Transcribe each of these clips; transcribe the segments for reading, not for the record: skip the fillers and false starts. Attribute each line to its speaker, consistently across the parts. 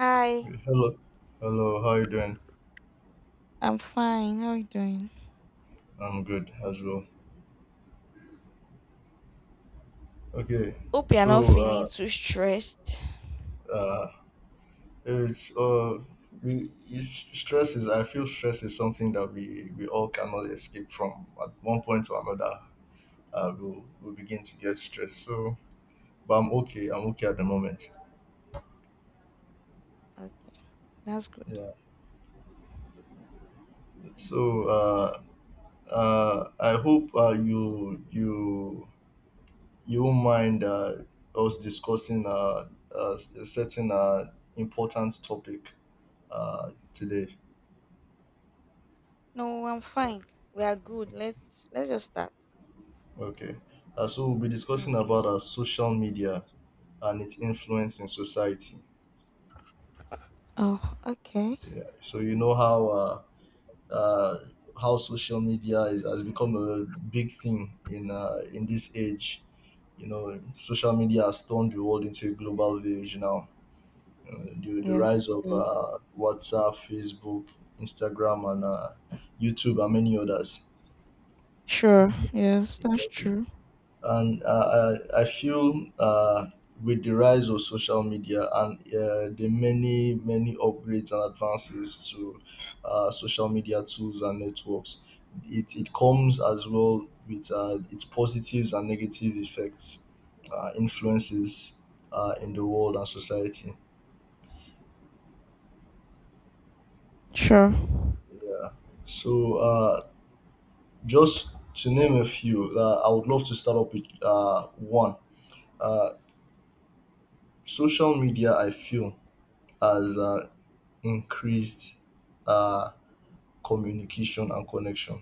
Speaker 1: Hi.
Speaker 2: Hello, hello. How you doing?
Speaker 1: I'm fine. How are you doing?
Speaker 2: I'm good as well. Okay,
Speaker 1: Hope you're not
Speaker 2: so
Speaker 1: feeling
Speaker 2: uh,
Speaker 1: too stressed.
Speaker 2: uh, it's uh, stress is. I feel stress is something that we all cannot escape from. At one point or another, we'll begin to get stressed. So, but I'm okay. I'm okay at the moment.
Speaker 1: Okay, that's good.
Speaker 2: Yeah. So uh, I hope you won't mind us discussing a certain important topic today.
Speaker 1: No, I'm fine. We are good. Let's just start.
Speaker 2: Okay. So we'll be discussing about
Speaker 1: Okay.
Speaker 2: social media and its influence in society.
Speaker 1: Oh, okay.
Speaker 2: Yeah. Uh, how social has become a big thing in this age. You know, social media has turned the world into a global village now. The
Speaker 1: Yes.
Speaker 2: rise of
Speaker 1: Yes.
Speaker 2: WhatsApp, Facebook, Instagram, and YouTube, and many others.
Speaker 1: Sure. Yes, that's
Speaker 2: Exactly.
Speaker 1: true.
Speaker 2: And I feel with the rise of social media and the many upgrades and advances to social media tools and networks, it comes as well with its positives and negative effects, influences in the world and society.
Speaker 1: Sure.
Speaker 2: So just to name a few, I would love to start up with one, uh, social media I feel has increased um communication and connection.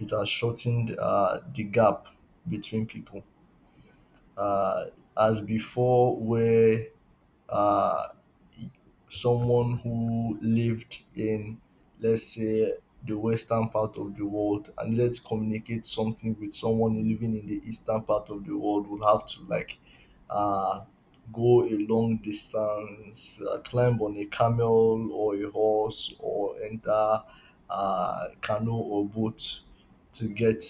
Speaker 2: It has shortened the gap between people. um As before, where uh, someone who lived in, let's say, the western part of the world and needed to communicate something with someone living in the eastern part of the world would have to, like, uh, go a long distance, climb on a camel or a horse, or enter canoe or boat to get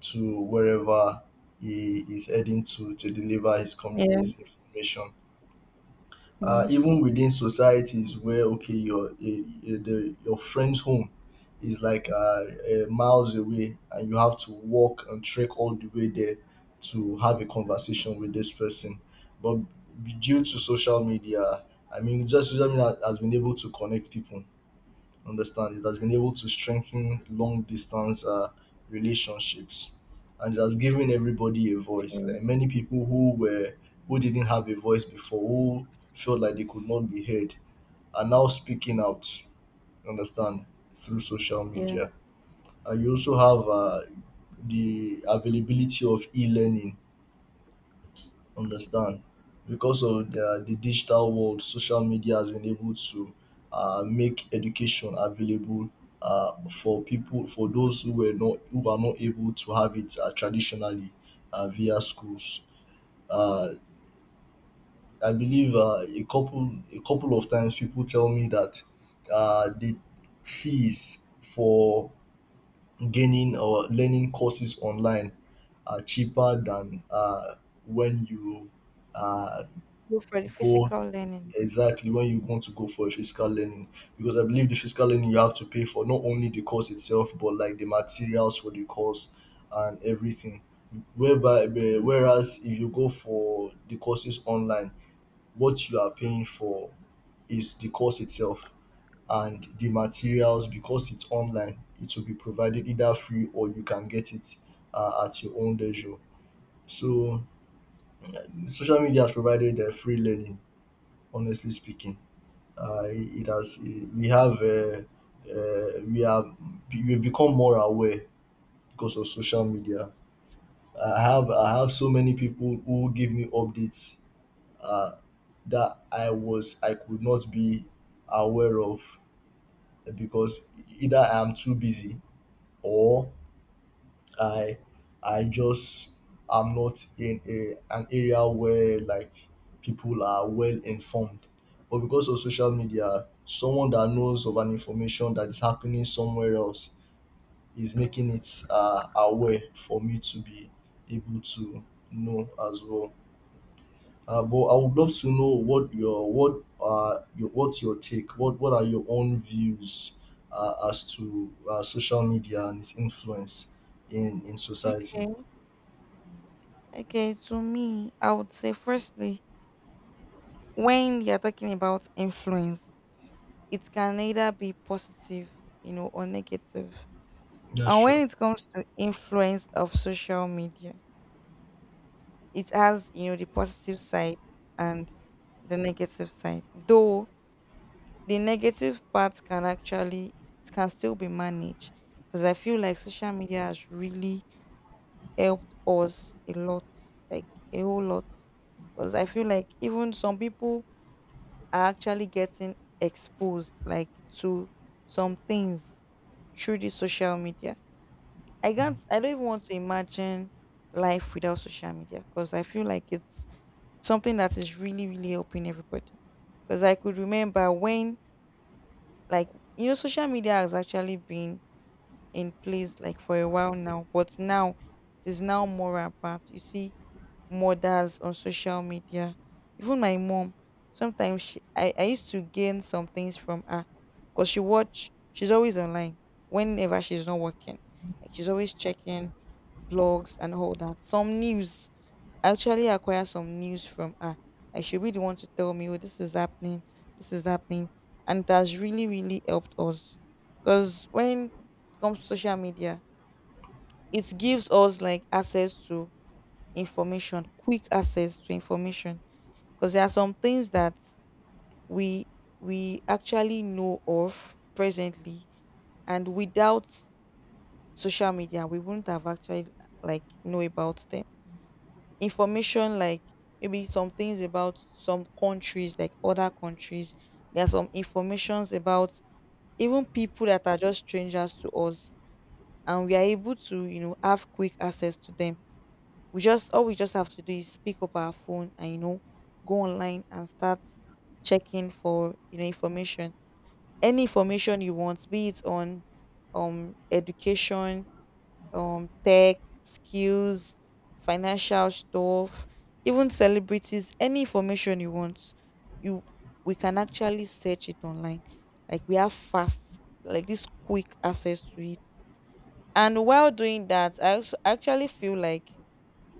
Speaker 2: to wherever he is heading to deliver his
Speaker 1: Yes.
Speaker 2: information.
Speaker 1: Yes.
Speaker 2: Even within societies, where okay, your friend's home is, like, miles away, and you have to walk and trek all the way there to have a conversation with this person. But due to social media, I mean, just social media has been able to connect people, understand? It has been able to strengthen long distance relationships, and it has given everybody a voice.
Speaker 1: Sure.
Speaker 2: Like, many people who were, who didn't have a voice before, who felt like they could not be heard, are now speaking out, understand, through social
Speaker 1: Yeah.
Speaker 2: media. And you also have the availability of e-learning, understand. Because of the digital world, social media has been able to make education available for people, for those who were not, who are not able to have it traditionally via schools. Uh, I believe a couple of times people tell me that the fees for gaining or learning courses online are cheaper than when you uh,
Speaker 1: Go for the
Speaker 2: go,
Speaker 1: physical learning, right?
Speaker 2: exactly, when you want to go for a physical learning, because I believe the physical learning you have to pay for not only the course itself but like the materials for the course and everything.
Speaker 1: Yes.
Speaker 2: Whereas if you go for the courses online, what you are paying for is the course itself, and the materials, because it's online, it will be provided either free or you can get it at your own leisure. So social media has provided free learning, honestly speaking. Uh, it has we have we are We've become more aware because of social media. I have so many people who give me updates uh, that I could not be aware of, because either I am too busy, or I I just am not in a, an area where, like, people are well informed. But because of social media, someone that knows of an information that is happening somewhere else is making
Speaker 1: Yes.
Speaker 2: it aware for me to be able to know as well. But I would love to know what's your take? What are your own views as to social media and its influence in society?
Speaker 1: Okay. Okay, to me, I would say firstly, when you're talking about influence, it can either be positive, you know, or negative.
Speaker 2: That's
Speaker 1: And when
Speaker 2: true.
Speaker 1: it comes to influence of social media, it has, you know, the positive side and the negative side. Though the negative part can actually it can still be managed, because I feel like social media has really helped us a lot, like a whole lot. Because I feel like even some people are actually getting exposed like to some things through the social media. I don't even want to imagine life without social media, because I feel like it's something that is really, really helping everybody. Because I could remember when, like, you know, social media has actually been in place like for a while now, but now it is now more rampant. You see mothers on social media. Even my mom, sometimes she, I used to gain some things from her because she watch, she's always online whenever she's not working. Like she's always checking blogs and all that. Some news, I actually acquire some news from her. Like she'll be the one to tell me, oh, this is happening, this is happening. And it has really, really helped us. Because when it comes to social media, it gives us like access to information, quick access to information, because there are some things that we we actually know of presently, and without social media we wouldn't have actually like know about them. Information like maybe some things about some countries, like other countries, there are some informations about even people that are just strangers to us, and we are able to, you know, have quick access to them. We just have to do is pick up our phone and, you know, go online and start checking for, you know, information. Any information you want, be it on education, tech, skills, financial stuff, even celebrities. Any information you want, you we can actually search it online. Like we have fast, like, this quick access to it. And while doing that, I also actually feel like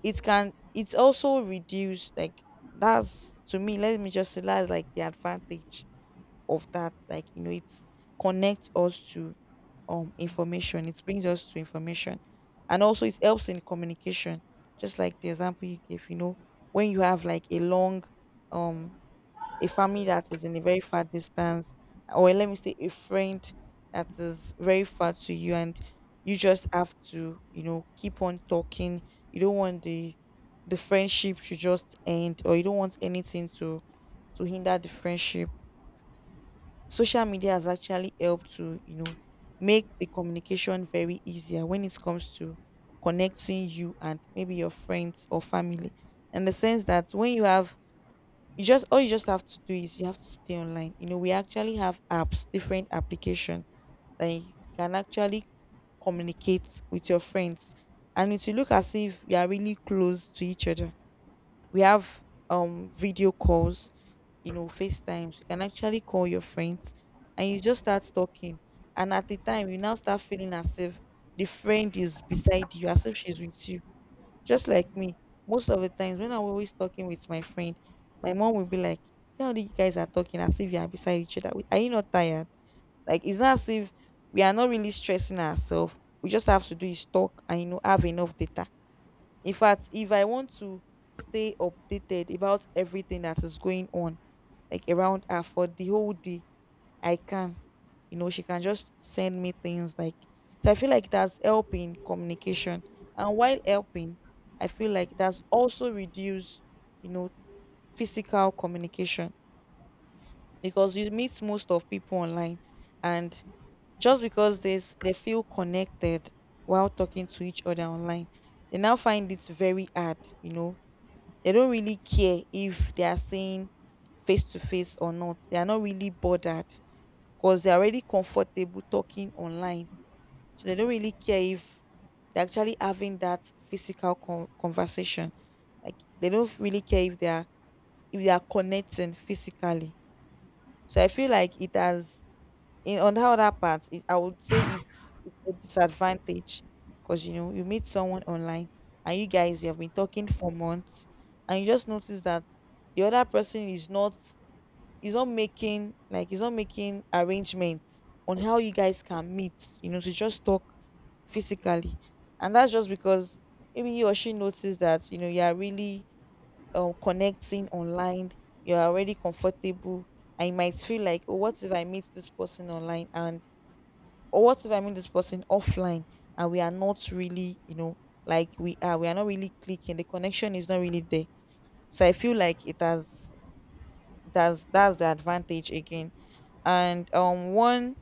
Speaker 1: it can it's also reduce, like, that's to me, let me just say that's like the advantage of that. Like, you know, it's connects us to information, it brings us to information. And also it helps in communication, just like the example you gave, you know. When you have like a long, um a family that is in a very far distance, or let me say a friend that is very far to you, and you just have to, you know, keep on talking. You don't want the friendship to just end, or you don't want anything to hinder the friendship. Social media has actually helped to, you know, make the communication very easier when it comes to connecting you and maybe your friends or family. In the sense that when you have, you just all you just have to do is you have to stay online. You know, we actually have apps, different application that you can actually communicate with your friends, and it will look as if you are really close to each other. We have video calls, you know, facetimes. You can actually call your friends and you just start talking, and at the time you now start feeling as if the friend is beside you, as if she's with you. Just like me, most of the times when I'm always talking with my friend, my mom will be like, "See how the guys are talking as if you are beside each other. Are you not tired?" Like, it's not as if we are not really stressing ourselves. We just have to do is talk, and you know, have enough data. In fact, if I want to stay updated about everything that is going on, like around her for the whole day, I can. You know, she can just send me things like, so I feel like that's helping communication. And while helping, I feel like that's also reduce, you know, physical communication. Because you meet most of people online, and just because this they feel connected while talking to each other online, they now find it very hard, you know. They don't really care if they are saying face to face or not. They are not really bothered because they're already comfortable talking online. So they don't really care if they're actually having that physical conversation. Like they don't really care if they are connecting physically. So I feel like it has in on the other part, it, I would say it's a disadvantage. Because you know you meet someone online, and you guys you have been talking for months, and you just notice that the other person is not, he's not making, like, he's not making arrangements on how you guys can meet, you know, to just talk physically. And that's just because maybe he or she noticed that, you know, you are really, connecting online, you're already comfortable. And you might feel like, oh, what if I meet this person online, and or what if I meet this person offline and we are not really, you know, like we are not really clicking, the connection is not really there. So I feel like it has, that's the advantage again. And one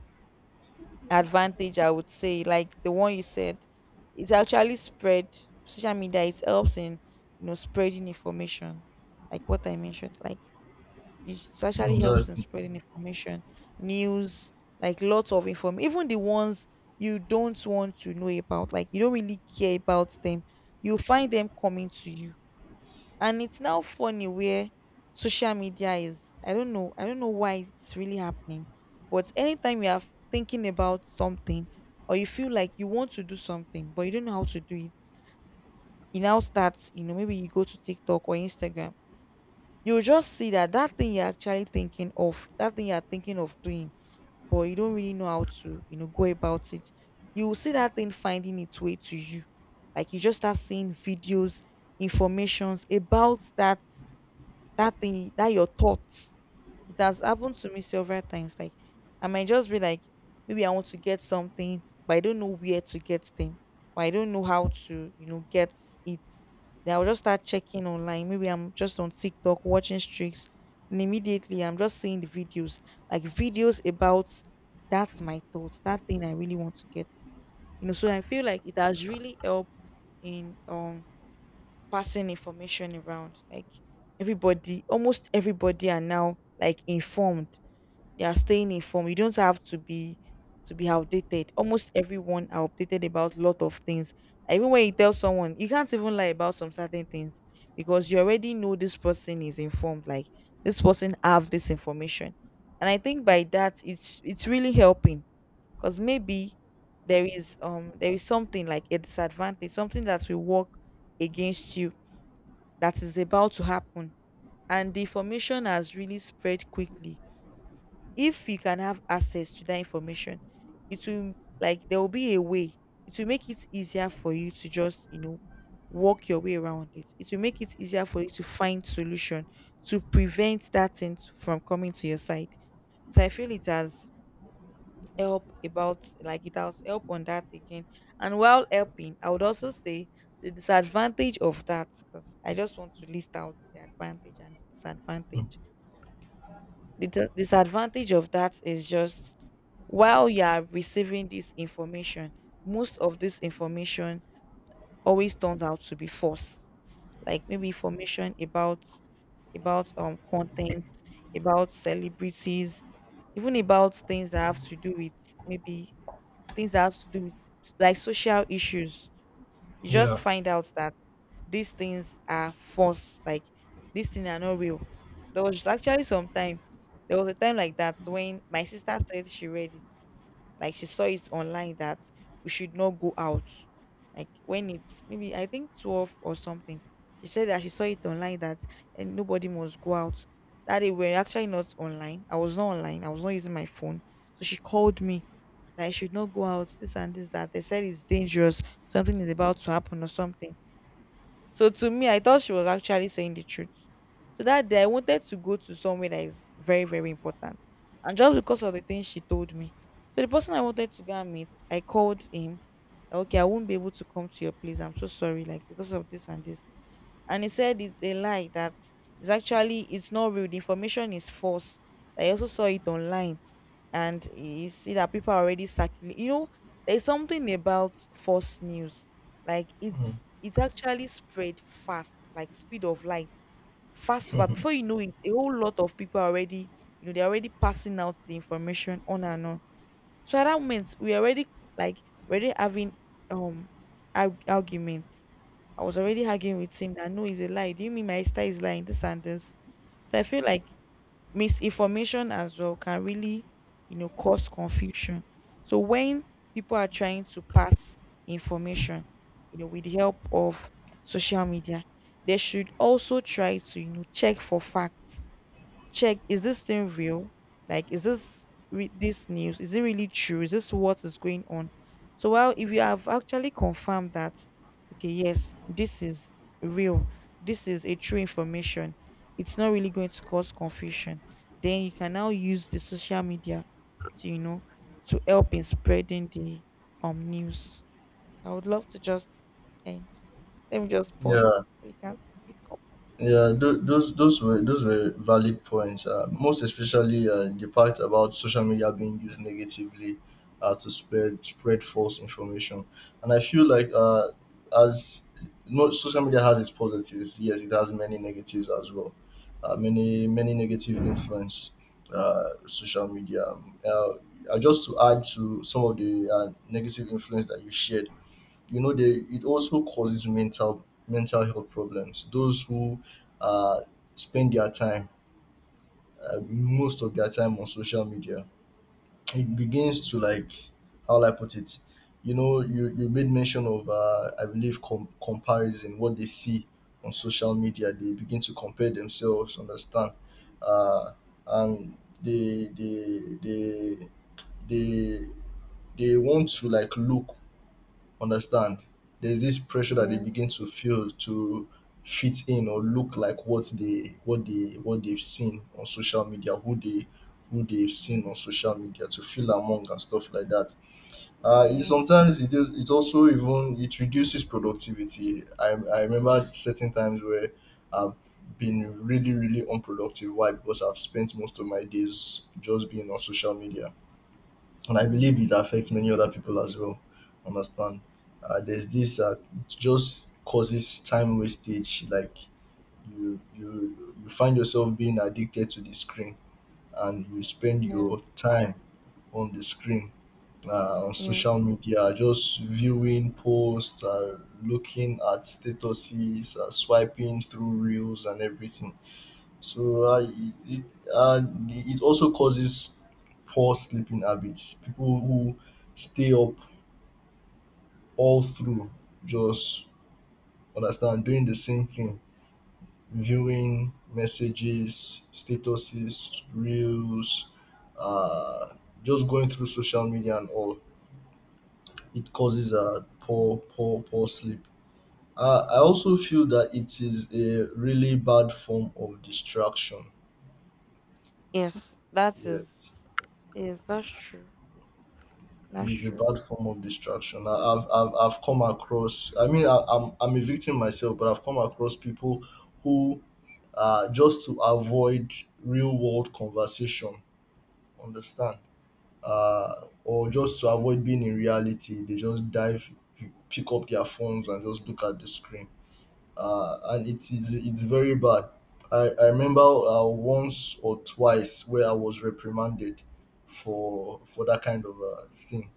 Speaker 1: advantage I would say, like the one you said, it's actually spread, social media it helps in, you know, spreading information. Like what I mentioned, like it
Speaker 2: Mm.
Speaker 1: actually helps in
Speaker 2: Exactly.
Speaker 1: spreading information, news, like lots of inform, even the ones you don't want to know about, like you don't really care about them, you find them coming to you. And it's now funny where social media is, I don't know why it's really happening. But anytime you are thinking about something, or you feel like you want to do something but you don't know how to do it, you now start, you know, maybe you go to TikTok or Instagram. You'll just see that, that thing you're actually thinking of, that thing you're thinking of doing, but you don't really know how to, you know, go about it. You will see that thing finding its way to you. Like you just start seeing videos, informations about that, that thing that your thoughts. It has happened to me several times, like I might just be like, maybe I want to get something but I don't know where to get them, or I don't know how to, you know, get it. Then I'll just start checking online, maybe I'm just on TikTok watching streaks, and immediately I'm just seeing the videos, like videos about that's my thoughts, that thing I really want to get. You know, so I feel like it has really helped in passing information around. Like everybody, almost everybody are now like informed. They are staying informed. You don't have to be outdated. Almost everyone are updated about a lot of things. Like, even when you tell someone, you can't even lie about some certain things, because you already know this person is informed. Like this person have this information. And I think by that it's really helping. Because maybe there is something like a disadvantage, something that will work against you, that is about to happen, and the information has really spread quickly. If you can have access to that information, it will, like there will be a way, it will make it easier for you to just, you know, walk your way around it, it will make it easier for you to find solution, to prevent that thing from coming to your side. So I feel it has help about, like it has help on that again. And while helping I would also say the disadvantage of that, because I just want to list out the advantage and the
Speaker 2: Mm.
Speaker 1: disadvantage. The disadvantage of that is just, while you are receiving this information, most of this information always turns out to be false. Like maybe information about content, about celebrities, even about things that have to do with, maybe things that have to do with, like, social issues. You just
Speaker 2: Yeah.
Speaker 1: find out that these things are false, like these things are not real. There was actually some time, there was a time like that when my sister said she read it, like she saw it online that we should not go out. Like when it's maybe I think 12 or something. She said that she saw it online that and nobody must go out. That day we were actually not online. I was not online. I was not using my phone. So she called me that I should not go out, this and this, that. They said it's dangerous, something is about to happen or something. So to me, I thought she was actually saying the truth. So that day I wanted to go to somewhere that is very, very important. And just because of the things she told me. So the person I wanted to go and meet, I called him. Okay, I won't be able to come to your place. I'm so sorry, like because of this and this. And he said it's a lie that it's not real. The information is false. I also saw it online and you see that people are already circulating. You know, there's something about false news. Like
Speaker 2: Mm.
Speaker 1: it's actually spread fast, like speed of light, fast, far. Before you know it, a whole lot of people are already, they're already passing out the information on and on. So at that moment, we already like already having um arguments. I was already arguing with him that no, it's a lie. Do you mean my sister is lying? This and this. So I feel like misinformation as well can really cause confusion. So when people are trying to pass information, with the help of social media, they should also try to check for facts. Check, is this thing real? Like, is this this news? Is it really true? Is this what is going on? So, while if you have actually confirmed that, okay, yes, this is real, this is a true information, it's not really going to cause confusion. Then you can now use the social media to to help in spreading the news. So, I would love to just end. Let me just pause
Speaker 2: Yeah.
Speaker 1: so you can pick up.
Speaker 2: Yeah. Those were, those were valid points. Most especially the part about social media being used negatively to spread false information, and I feel like, as, no, social media has its positives. Yes, it has many negatives as well. Many negative influence. Social media. Uh, just to add to some of the negative influence that you shared. You know, they, it also causes mental health problems. Those who uh, spend their time, most of their time on social media, it begins to, like, how will I put it, you know, you made mention of I believe comparison. What they see on social media, they begin to compare themselves, understand? uh, and they they they they they want to, like, look, understand, there's this pressure that they
Speaker 1: Yeah.
Speaker 2: begin to feel to fit in or look like what they what they what they've seen on social media, who they, who they've seen on social media, to feel among and stuff like that.
Speaker 1: Yes.
Speaker 2: Sometimes it also even it reduces productivity. I remember certain times where I've been really unproductive. Why? Because I've spent most of my days just being on social media, and I believe it affects many other people as well. Understand? There's this just causes time wastage. Like, you find yourself being addicted to the screen, and you spend
Speaker 1: Yeah,
Speaker 2: your time on the screen, on
Speaker 1: yeah.
Speaker 2: social media, just viewing posts, looking at statuses, swiping through reels, and everything. So uh, it uh, it also causes poor sleeping habits. People who stay up all through, just, understand, doing the same thing, viewing messages, statuses, reels, uh, just going through social media and all. It causes a poor sleep. I also feel that it is a really bad form of distraction.
Speaker 1: Yes, that is
Speaker 2: Yes.
Speaker 1: yes, that's true.
Speaker 2: It
Speaker 1: That's
Speaker 2: is a
Speaker 1: true.
Speaker 2: bad form of distraction. I've come across. I mean, I'm, a victim myself, but I've come across people who, just to avoid real world conversation, understand, or just to avoid being in reality, they just dive, pick up their phones and just look at the screen, and it is, it's very bad. I remember once or twice where I was reprimanded for that kind of thing,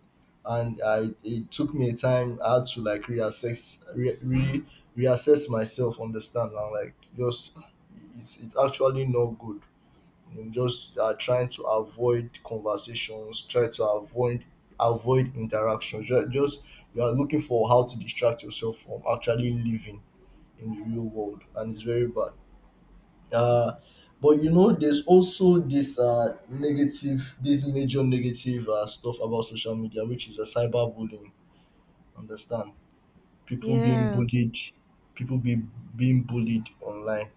Speaker 2: and I, it took me a time. I had to, like, reassess re, re reassess myself, understand, and like just, it's actually not good. I'm just trying to avoid conversations, try to avoid interactions. Just You are looking for how to distract yourself from actually living in the real world, and it's very bad. Uh, but you know, there's also this negative, this major negative stuff about social media, which is a cyberbullying. Understand? People being bullied,
Speaker 1: Yes,
Speaker 2: people be being bullied online.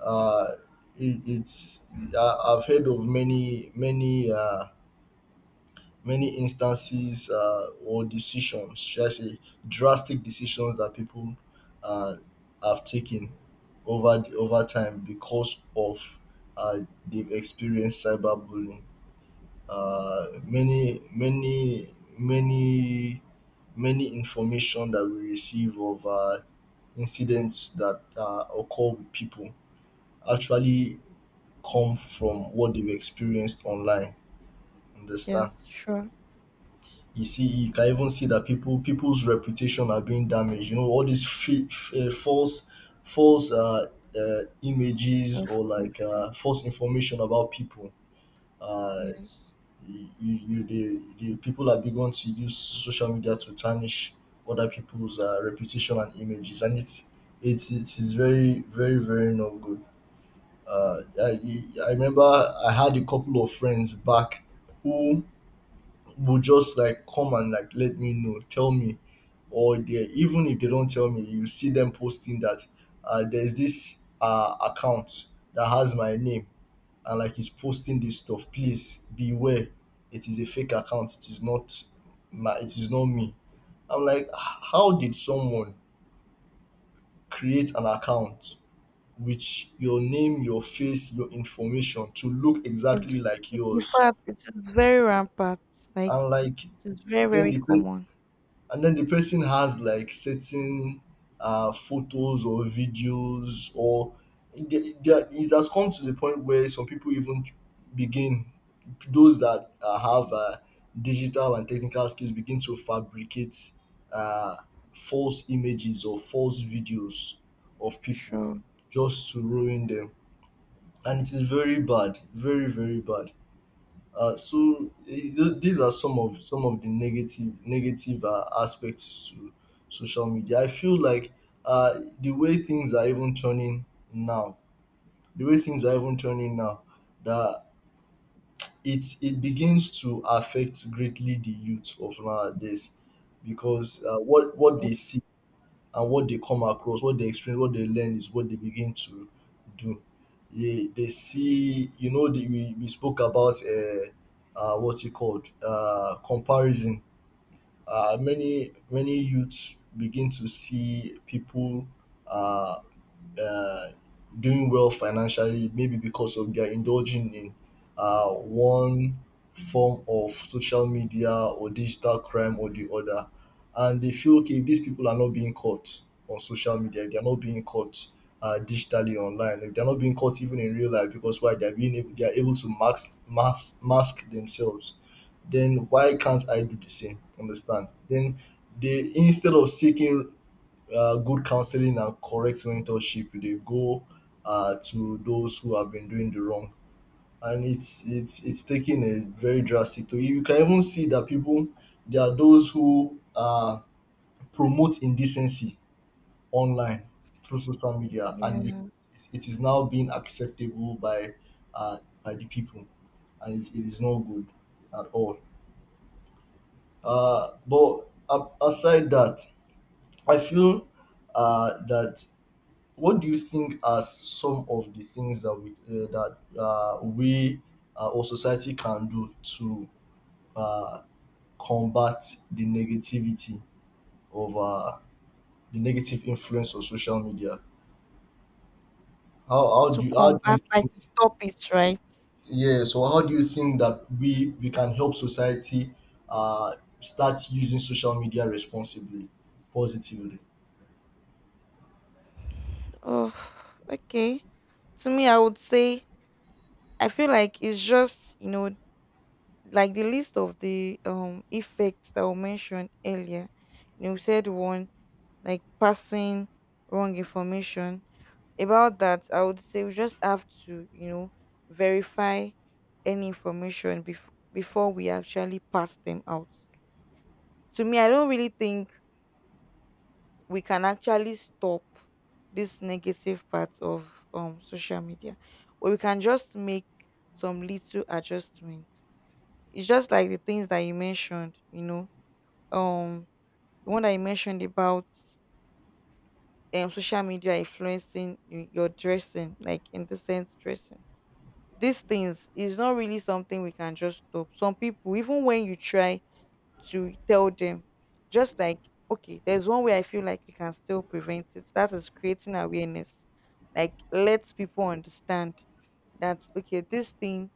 Speaker 2: Uh, it, it's I, I've heard of many instances or decisions, should I say, drastic decisions that people uh, have taken over the, over time because of, uh, they've experienced cyberbullying. Uh, many, many, many, Many information that we receive of incidents that occur with people actually come from what they've experienced online. Understand?
Speaker 1: yes, sure.
Speaker 2: You see, you can even see that people's reputation are being damaged. You know, all these false images or, like,
Speaker 1: Information.
Speaker 2: false information about people. Uh,
Speaker 1: Yes.
Speaker 2: the people are begun to use social media to tarnish other people's reputation and images, and it's, it is very not good. I remember I had a couple of friends back who will just, like, come and, like, let me know, tell me, or they, even if they don't tell me, you see them posting that there's this account that has my name and, like, is posting this stuff. Please beware, it is a fake account. It is not my, it is not me. I'm like, How did someone create an account with your name, your face, your information to look
Speaker 1: It's
Speaker 2: exactly like
Speaker 1: in
Speaker 2: yours?"
Speaker 1: fact it is very rampant. Like
Speaker 2: And, like,
Speaker 1: it is very,
Speaker 2: then
Speaker 1: very
Speaker 2: the person
Speaker 1: common.
Speaker 2: then the person has, like, certain photos or videos, or they it has come to the point where some people even begin, those that have digital and technical skills begin to fabricate uh, false images or false videos of people
Speaker 1: Sure.
Speaker 2: just to ruin them, and it is very bad, very bad. These are some of, some of the negative aspects to social media. I feel like uh, the way things are even turning now, the way things are even turning now, that it begins to affect greatly the youth of nowadays, because what they
Speaker 1: Yes.
Speaker 2: see and what they come across, what they experience, what they learn is what they begin to do. They see, you know, we spoke about what you called comparison. Many, many youths begin to see people uh uh, doing well financially, maybe because of, they're indulging in one form of social media or digital crime or the other. And they feel, okay, if these people are not being caught on social media, if they're not being caught digitally online, if they're not being caught even in real life, because, why, they're being able, they're able to mask, themselves, then why can't I do the same? Understand? Then they, instead of seeking good counseling and correct mentorship, dey go to those who have been doing the wrong, and it's taking a very drastic toll. You can even see that people, there are those who promote indecency online through social media, and it
Speaker 1: Yeah.
Speaker 2: it is now being acceptable uh, by the people, and it's, it is not good at all. Aside that, I feel that what do you think are some of the things that we or society can do to uh, combat the negativity of the negative influence of social media?
Speaker 1: To
Speaker 2: How do you
Speaker 1: combat like
Speaker 2: think,
Speaker 1: to stop it, right?
Speaker 2: yeah? So how do you think that we can help society uh, start using social media responsibly, positively?
Speaker 1: Oh, okay. To me I would say I feel like it's just, you know, like the list of the effects that were mentioned earlier. You know, we said one, like passing wrong information. About that I would say we just have to, you know, verify any information before we actually pass them out. To me I don't really think we can actually stop this negative part of social media, but we can just make some little adjustments. It's just like the things that you mentioned, you know, um the one that you mentioned about social media influencing your dressing, like in the sense dressing. These things is not really something we can just stop. Some people, even when you try to tell them, just like, okay, there's one way I feel like you can still prevent it. That is creating awareness. Like, let people understand that, okay, this thing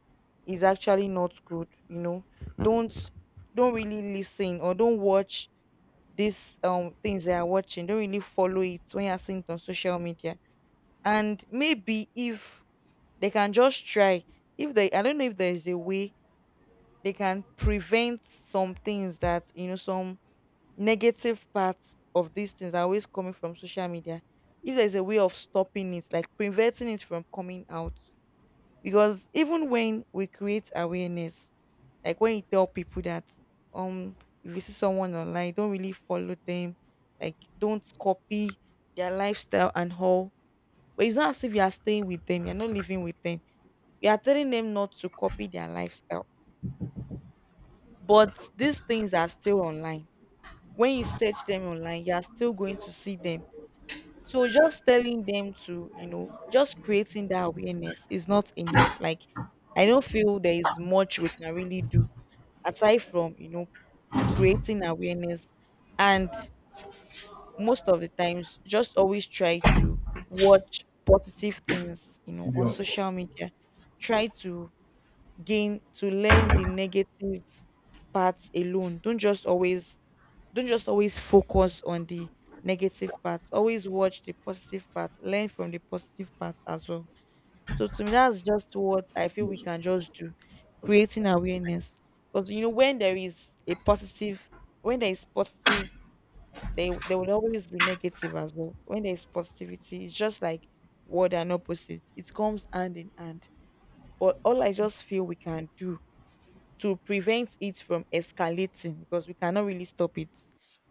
Speaker 1: is actually not good, you know. Don't don't really listen or don't watch these things they are watching. Don't really follow it when you're seeing it on social media. And maybe if they can just try, if they, I don't know if there is a way they can prevent some things, that you know some negative parts of these things are always coming from social media, if there's a way of stopping it, like preventing it from coming out. Because even when we create awareness, like when you tell people that um if you see someone online, don't really follow them, like don't copy their lifestyle and all. But it's not as if you are staying with them, you're not living with them. You are telling them not to copy their lifestyle. But these things are still online. When you search them online, you are still going to see them. So just telling them to, you know, just creating that awareness is not enough. Like I don't feel there is much we can really do aside from, you know, creating awareness. And most of the times just always try to watch positive things, you
Speaker 2: It's
Speaker 1: know,
Speaker 2: still there,
Speaker 1: on
Speaker 2: of course.
Speaker 1: social media. Try to gain to learn the negative parts alone. Don't just always focus on the negative parts. Always watch the positive part. Learn from the positive part as well. So to me, that's just what I feel we
Speaker 2: Yes.
Speaker 1: can just do. Creating awareness. Because you know, when there is positive, there will always be negative as well. When there is positivity, it's just like word and opposite. It comes hand in hand. But all I just feel we can do to prevent it from escalating, because we cannot really stop it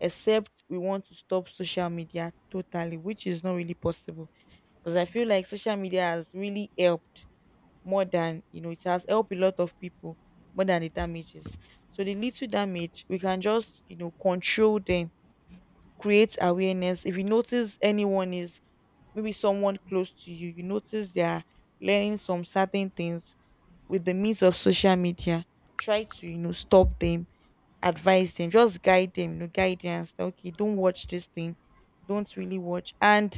Speaker 1: except we want to stop social media totally, which is not really possible. Because I feel like social media has really helped, more than you know it has helped a lot of people, more than the damages. So the little damage we can just, you know, control them. Create awareness. If you notice anyone is, maybe someone close to you, you notice they are learning some certain things with the means of social media. Try to, you know, stop them, advise them, just guide them, you know, guidance. Okay, don't watch this thing. Don't really watch. And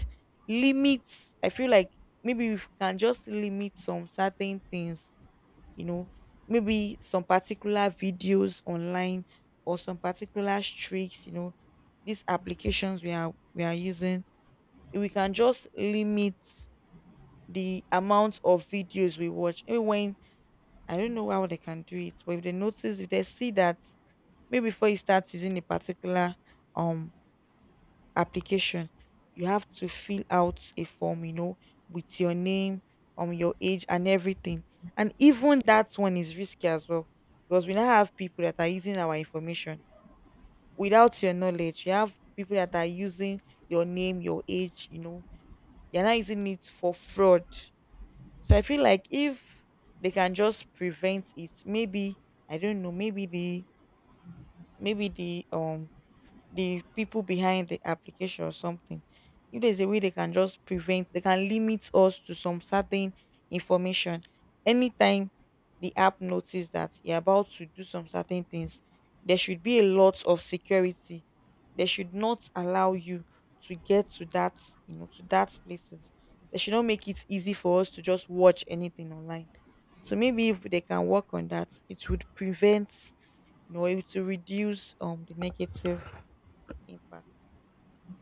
Speaker 1: limits, I feel like maybe we can just limit some certain things, you know, maybe some particular videos online or some particular streaks, you know, these applications we are using. We can just limit the amount of videos we watch. Even when I don't know how they can do it, but if they notice, if they see that maybe before you start using a particular um application, you have to fill out a form, you know, with your name, your age, and everything. And even that one is risky as well, because we now have people that are using our information without your knowledge. You have people that are using your name, your age, you know, they're not using it for fraud. So I feel like if they can just prevent it, maybe I don't know, maybe the the people behind the application or something, if there's a way they can just prevent, they can limit us to some certain information. Anytime the app notices that you're about to do some certain things, there should be a lot of security. They should not allow you to get to that, you know, to that places. They should not make it easy for us to just watch anything online. So maybe if they can work on that, it would prevent, you know, it to reduce the negative impact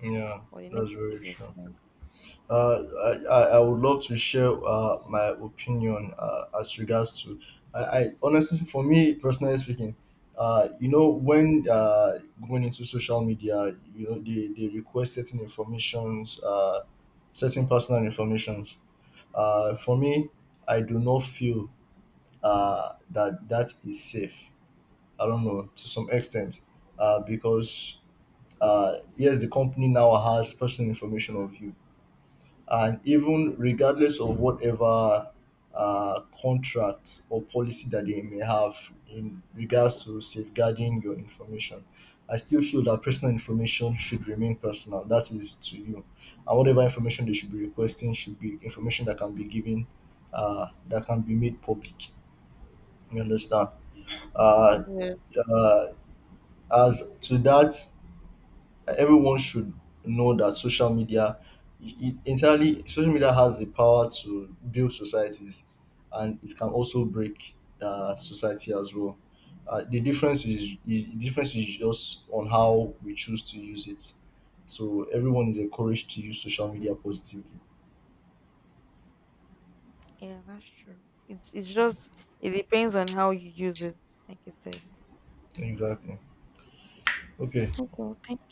Speaker 2: Yeah,
Speaker 1: or the
Speaker 2: that's very
Speaker 1: negative
Speaker 2: true.
Speaker 1: influence.
Speaker 2: Uh, I would love to share my opinion as regards to, I honestly, for me personally speaking, you know, when going into social media, you know, they request certain informations, certain personal informations. For me, I do not feel that that is safe. I don't know, to some extent, because yes, the company now has personal information of you, and even regardless of whatever contract or policy that they may have in regards to safeguarding your information. I still feel that personal information should remain personal. That is to you, and whatever information they should be requesting should be information that can be given, that can be made public. You understand? Uh,
Speaker 1: Yeah,
Speaker 2: uh, as to that, everyone should know that social media, it entirely social media has the power to build societies, and it can also break society as well. The difference is, the difference is just on how we choose to use it. So everyone is encouraged to use social media positively.
Speaker 1: yeah, that's true. It's just it depends on how you use it, like you said.
Speaker 2: Exactly. Okay.
Speaker 1: Okay, thank